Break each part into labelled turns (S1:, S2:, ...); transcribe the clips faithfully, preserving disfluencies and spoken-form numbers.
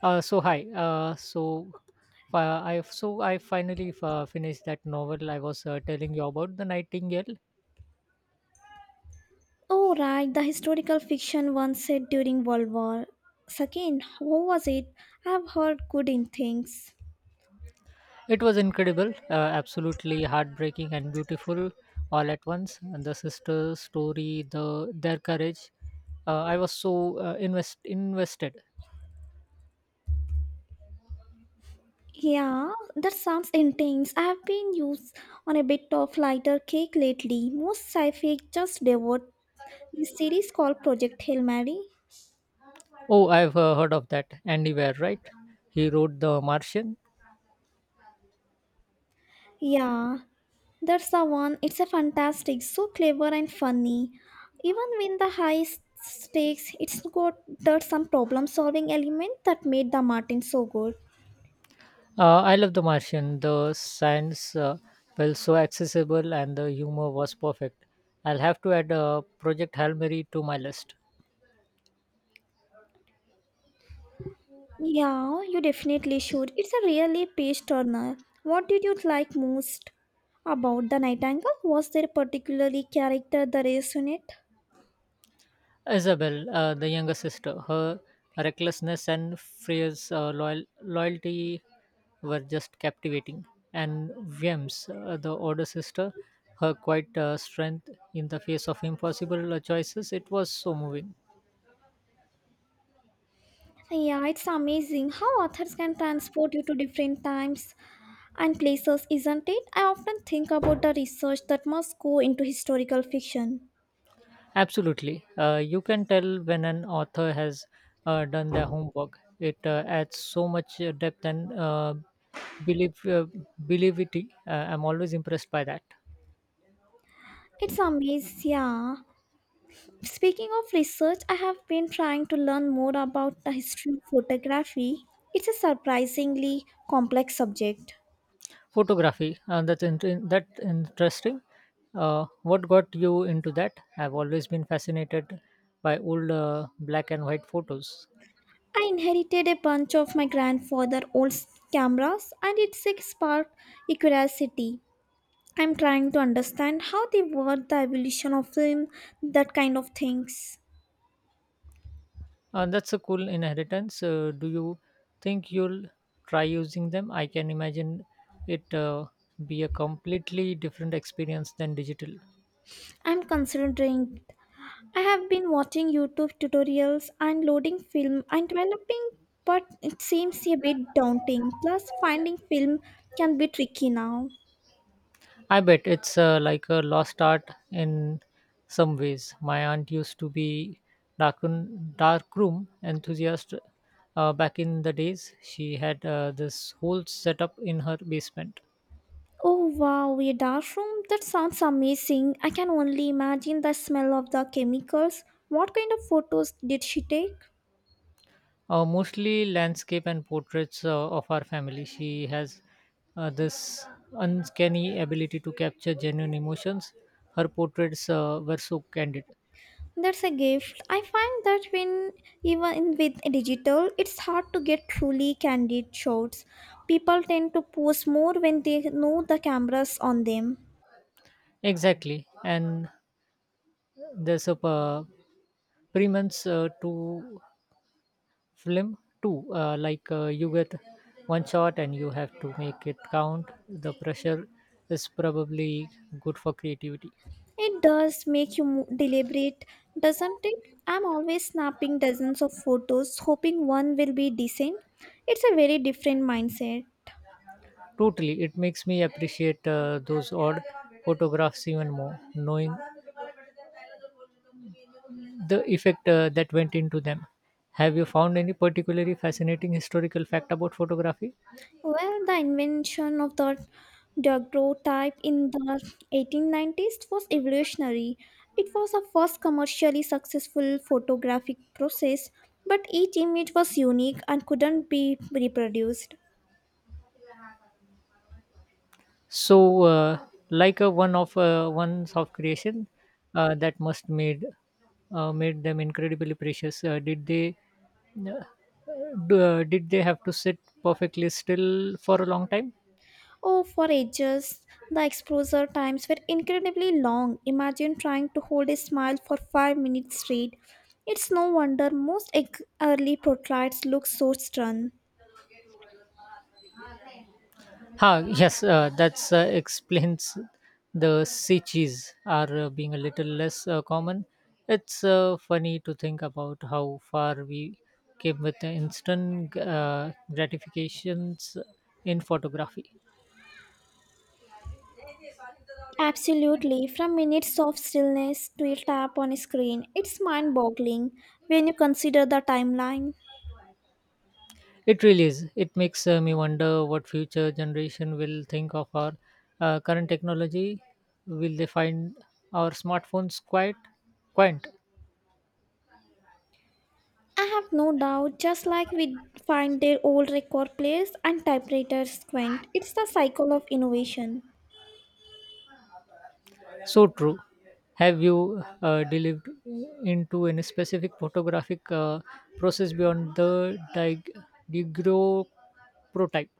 S1: Uh, so hi. Uh, so uh, I so I finally uh, finished that novel I was uh, telling you about, The Nightingale.
S2: Oh, right, the historical fiction one set during World War. Second, what was it? I've heard good in things.
S1: It was incredible, uh, absolutely heartbreaking and beautiful all at once. And the sister's story, the their courage. Uh, I was so uh, invest invested.
S2: Yeah, that sounds intense. I've been used on a bit of lighter cake lately. Most sci-fi just devoured this series called Project Hail Mary.
S1: Oh, I've uh, heard of that. Andy Weir, right? He wrote The Martian.
S2: Yeah, that's the one. It's a fantastic, so clever and funny. Even when the high stakes, it's got that some problem-solving element that made the Martin so good.
S1: Uh, I love The Martian. The science uh, felt so accessible and the humor was perfect. I'll have to add uh, Project Hail Mary to my list.
S2: Yeah, you definitely should. It's a really page turner. What did you like most about The Nightingale? Was there a particularly character that resonated?
S1: Isabel, uh, the younger sister, her recklessness and Freya's uh, loyal- loyalty were just captivating. And Viems, uh, the older sister, her quiet uh, strength in the face of impossible uh, choices, it was so moving.
S2: Yeah, it's amazing how authors can transport you to different times and places, isn't it? I often think about the research that must go into historical fiction.
S1: Absolutely. Uh, you can tell when an author has uh, done their homework. It uh, adds so much uh, depth and uh, belief, uh, believity. Uh, I'm always impressed by that.
S2: It's amazing, yeah. Speaking of research, I have been trying to learn more about the history of photography. It's a surprisingly complex subject.
S1: Photography. Uh, that's inter- that interesting. Uh, what got you into that? I've always been fascinated by old uh, black and white photos.
S2: I inherited a bunch of my grandfather's old cameras and it sparked a curiosity. I'm trying to understand how they work, the evolution of film, that kind of things.
S1: Uh, that's a cool inheritance. Uh, do you think you'll try using them? I can imagine it uh, be a completely different experience than digital.
S2: I'm considering it. I have been watching YouTube tutorials and loading film and developing, but it seems a bit daunting. Plus, finding film can be tricky now.
S1: I bet it's uh, like a lost art in some ways. My aunt used to be darkroom, darkroom enthusiast uh, back in the days. She had uh, this whole setup in her basement.
S2: Oh wow, a dashroom? That sounds amazing. I can only imagine the smell of the chemicals. What kind of photos did she take?
S1: Uh, mostly landscape and portraits uh, of our family. She has uh, this uncanny ability to capture genuine emotions. Her portraits uh, were so candid.
S2: That's a gift. I find that when even with digital, it's hard to get truly candid shots. People tend to post more when they know the cameras on them.
S1: Exactly. And there's a uh, premise uh, to film too. Uh, like uh, you get one shot and you have to make it count. The pressure is probably good for creativity.
S2: It does make you mo- deliberate, doesn't it? I'm always snapping dozens of photos, hoping one will be decent. It's a very different mindset.
S1: Totally, it makes me appreciate uh, those odd photographs even more, knowing the effect uh, that went into them. Have you found any particularly fascinating historical fact about photography?
S2: Well, the invention of the daguerreotype in the eighteen nineties was evolutionary. It was the first commercially successful photographic process, but each image was unique and couldn't be reproduced.
S1: So, uh, like a one of uh, ones of creation uh, that must made uh, made them incredibly precious. Uh, did they uh, d- uh, did they have to sit perfectly still for a long time?
S2: Oh, for ages, the exposure times were incredibly long. Imagine trying to hold a smile for five minutes straight. It's no wonder most ex- early portraits look so stern.
S1: Ah, yes, uh, that uh, explains the sea cheese are uh, being a little less uh, common. It's uh, funny to think about how far we came with the instant uh, gratifications in photography.
S2: Absolutely, from minutes of stillness to a tap on a screen, it's mind boggling when you consider the timeline.
S1: It really is. It makes uh, me wonder what future generation will think of our uh, current technology. Will they find our smartphones quite quaint?
S2: I have no doubt, just like we find their old record players and typewriters quaint, it's the cycle of innovation.
S1: So true. Have you uh, delved into any specific photographic uh, process beyond the dig- digro prototype?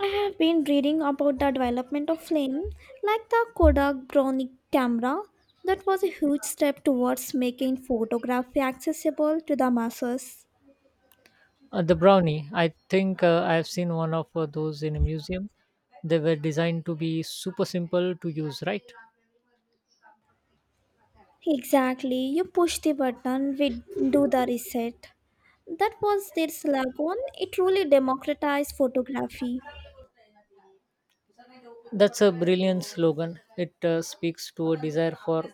S2: I have been reading about the development of film, like the Kodak Brownic camera, that was a huge step towards making photography accessible to the masses.
S1: Uh, the brownie. I think uh, I have seen one of uh, those in a museum. They were designed to be super simple to use, right?
S2: Exactly. You push the button, we do the reset. That was their slogan. It truly democratized photography.
S1: That's a brilliant slogan. It uh, speaks to a desire for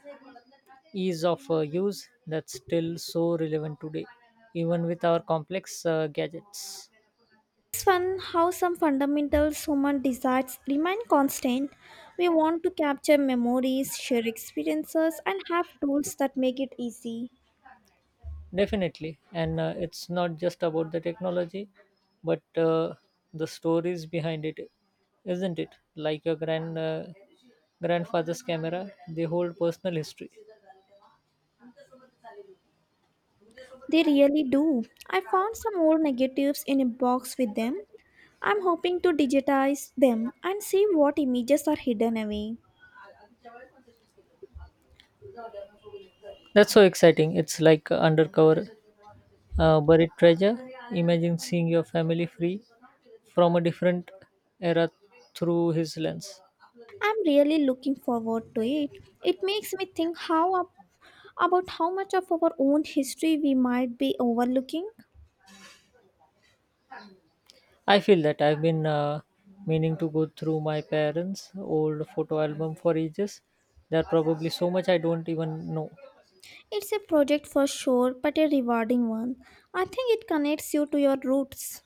S1: ease of uh, use that's still so relevant today, even with our complex uh, gadgets.
S2: It's fun how some fundamental human desires remain constant. We want to capture memories, share experiences, and have tools that make it easy.
S1: Definitely. And uh, it's not just about the technology, but uh, the stories behind it, isn't it? Like your grand, uh, grandfather's camera, they hold personal history.
S2: They really do. I found some old negatives in a box with them. I'm hoping to digitize them and see what images are hidden away.
S1: That's so exciting. It's like undercover uh, buried treasure. Imagine seeing your family free from a different era through his lens.
S2: I'm really looking forward to it. It makes me think how ab- about how much of our own history we might be overlooking.
S1: I feel that I've been uh, meaning to go through my parents' old photo album for ages. There are probably so much I don't even know.
S2: It's a project for sure, but a rewarding one. I think it connects you to your roots.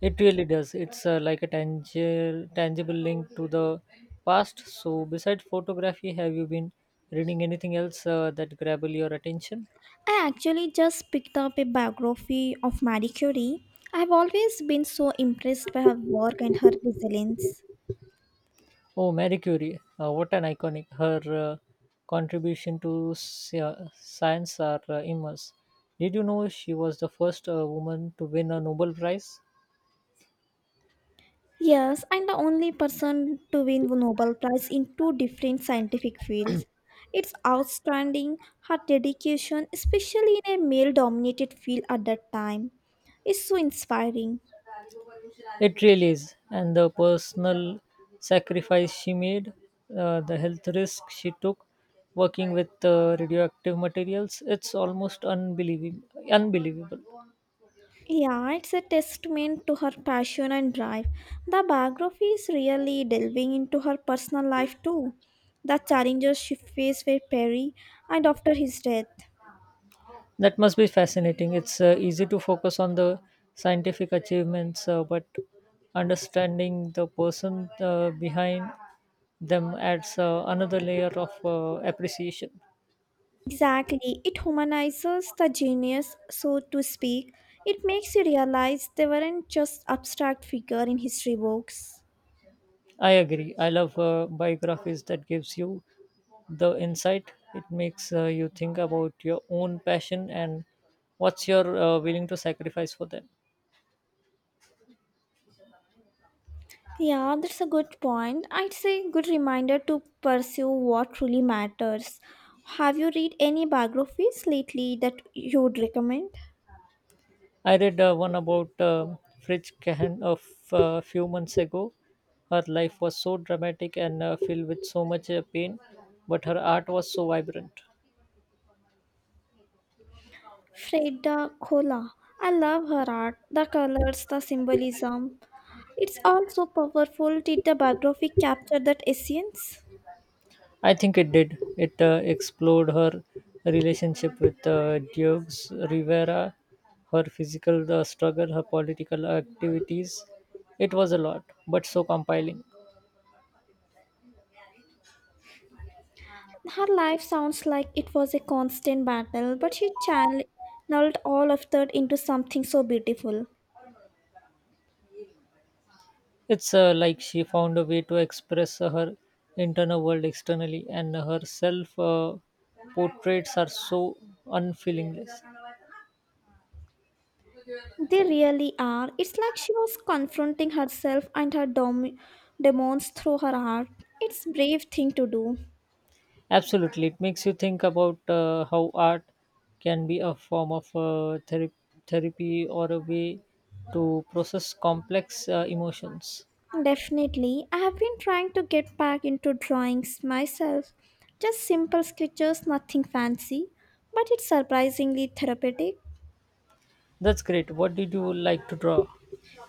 S1: It really does. It's uh, like a tangible, tangible link to the past. So, besides photography, have you been reading anything else uh, that grabble your attention?
S2: I actually just picked up a biography of Marie Curie. I've always been so impressed by her work and her resilience.
S1: Oh, Marie Curie, uh, what an iconic. Her uh, contribution to sci- uh, science are uh, immense. Did you know she was the first uh, woman to win a Nobel Prize?
S2: Yes, I'm the only person to win the Nobel Prize in two different scientific fields. It's outstanding her dedication, especially in a male dominated field at that time. Is so inspiring.
S1: It really is. And the personal sacrifice she made, uh, the health risk she took working with uh, radioactive materials, it's almost unbelievable. unbelievable.
S2: Yeah, it's a testament to her passion and drive. The biography is really delving into her personal life too, the challenges she faced with Perry and after his death.
S1: That must be fascinating. It's uh, easy to focus on the scientific achievements, uh, but understanding the person uh, behind them adds uh, another layer of uh, appreciation.
S2: Exactly. It humanizes the genius, so to speak. It makes you realize they weren't just abstract figure in history books.
S1: I agree. I love uh, biographies that gives you the insight. It makes uh, you think about your own passion and what's you're uh, willing to sacrifice for them.
S2: Yeah, that's a good point. I'd say good reminder to pursue what truly matters. Have you read any biographies lately that you would recommend?
S1: I read uh, one about uh, Fritz Kahan of a few months ago. Her life was so dramatic and uh, filled with so much uh, pain, but her art was so vibrant.
S2: Freda Kahlo. I love her art, the colors, the symbolism. It's all so powerful. Did the biography capture that essence?
S1: I think it did. It uh, explored her relationship with uh, Diogs Rivera, her physical uh, struggle, her political activities. It was a lot, but so compelling.
S2: Her life sounds like it was a constant battle, but she channeled all of that into something so beautiful.
S1: It's uh, like she found a way to express uh, her internal world externally, and her self uh, portraits are so unfeelingless.
S2: They really are. It's like she was confronting herself and her dom- demons through her art. It's brave thing to do.
S1: Absolutely, it makes you think about uh, how art can be a form of uh, therapy, therapy or a way to process complex uh, emotions.
S2: Definitely. I have been trying to get back into drawings myself. Just simple sketches, nothing fancy, but it's surprisingly therapeutic.
S1: That's great. What did you like to draw?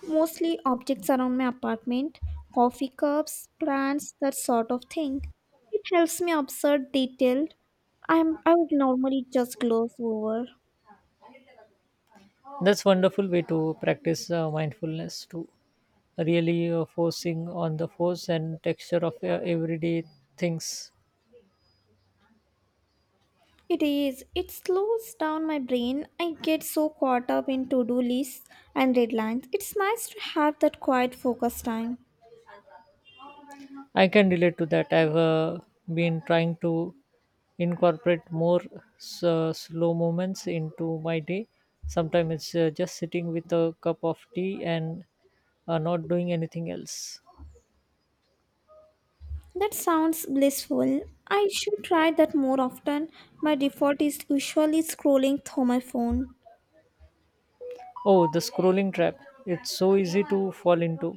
S2: Mostly objects around my apartment, coffee cups, plants, that sort of thing. It helps me observe detail I'm I would normally just gloss over.
S1: That's wonderful way to practice uh, mindfulness too. Really uh, forcing on the force and texture of uh, everyday things.
S2: It is. It slows down my brain. I get so caught up in to-do lists and deadlines. It's nice to have that quiet focus time.
S1: I can relate to that. I've uh, been trying to incorporate more s- uh, slow moments into my day. Sometimes it's uh, just sitting with a cup of tea and uh, not doing anything else.
S2: That sounds blissful. I should try that more often. My default is usually scrolling through my phone.
S1: Oh, the scrolling trap. It's so easy to fall into.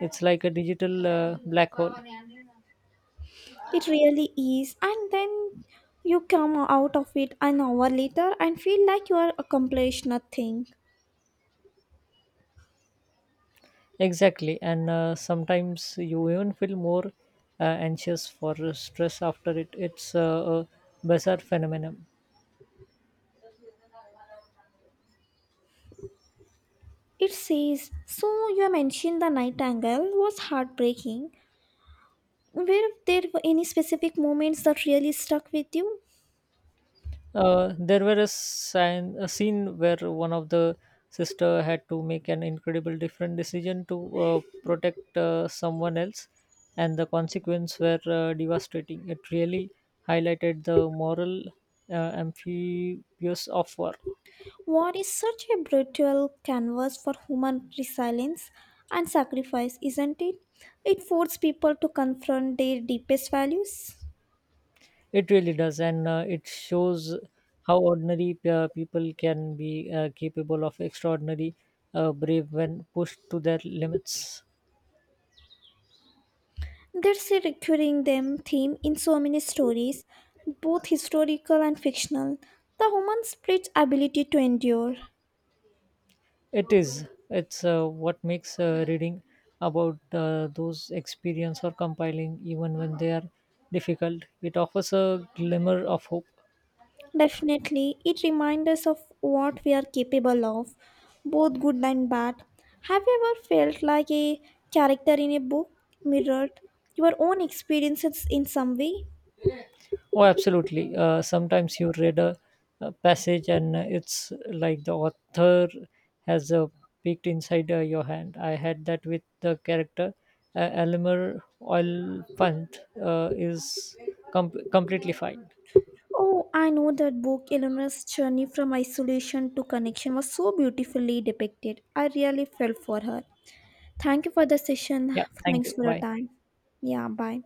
S1: It's like a digital uh, black hole.
S2: It really is. And then you come out of it an hour later and feel like you are accomplished nothing.
S1: Exactly, and uh, sometimes you even feel more uh, anxious for stress after it. It's uh, a bizarre phenomenon.
S2: It says, so you mentioned the night angle was heartbreaking. Were there any specific moments that really stuck with you?
S1: Uh, there were a, sign, a scene where one of the sister had to make an incredible different decision to uh, protect uh, someone else, and the consequences were uh, devastating. It really highlighted the moral uh, amphibious of war.
S2: War is such a brutal canvas for human resilience and sacrifice, isn't it? It forces people to confront their deepest values.
S1: It really does, and uh, it shows how ordinary p- uh, people can be uh, capable of extraordinary uh, brave when pushed to their limits.
S2: There's a recurring them theme in so many stories, both historical and fictional. The human spirit's ability to endure.
S1: It is. It's uh, what makes uh, reading about uh, those experience or compiling, even when they are difficult, it offers a glimmer of hope.
S2: Definitely, it reminds us of what we are capable of, both good and bad. Have you ever felt like a character in a book mirrored your own experiences in some way?
S1: Oh, absolutely. Uh, sometimes you read a, a passage and uh, it's like the author has uh, peeked inside uh, your hand. I had that with the character uh, Elmer Oil Punt uh, is com- completely fine.
S2: Oh, I know that book, Eleanor's journey from isolation to connection, was so beautifully depicted. I really felt for her. Thank you for the session.
S1: Yeah, thank
S2: Thanks
S1: you.
S2: for your
S1: Bye.
S2: time. Yeah, bye.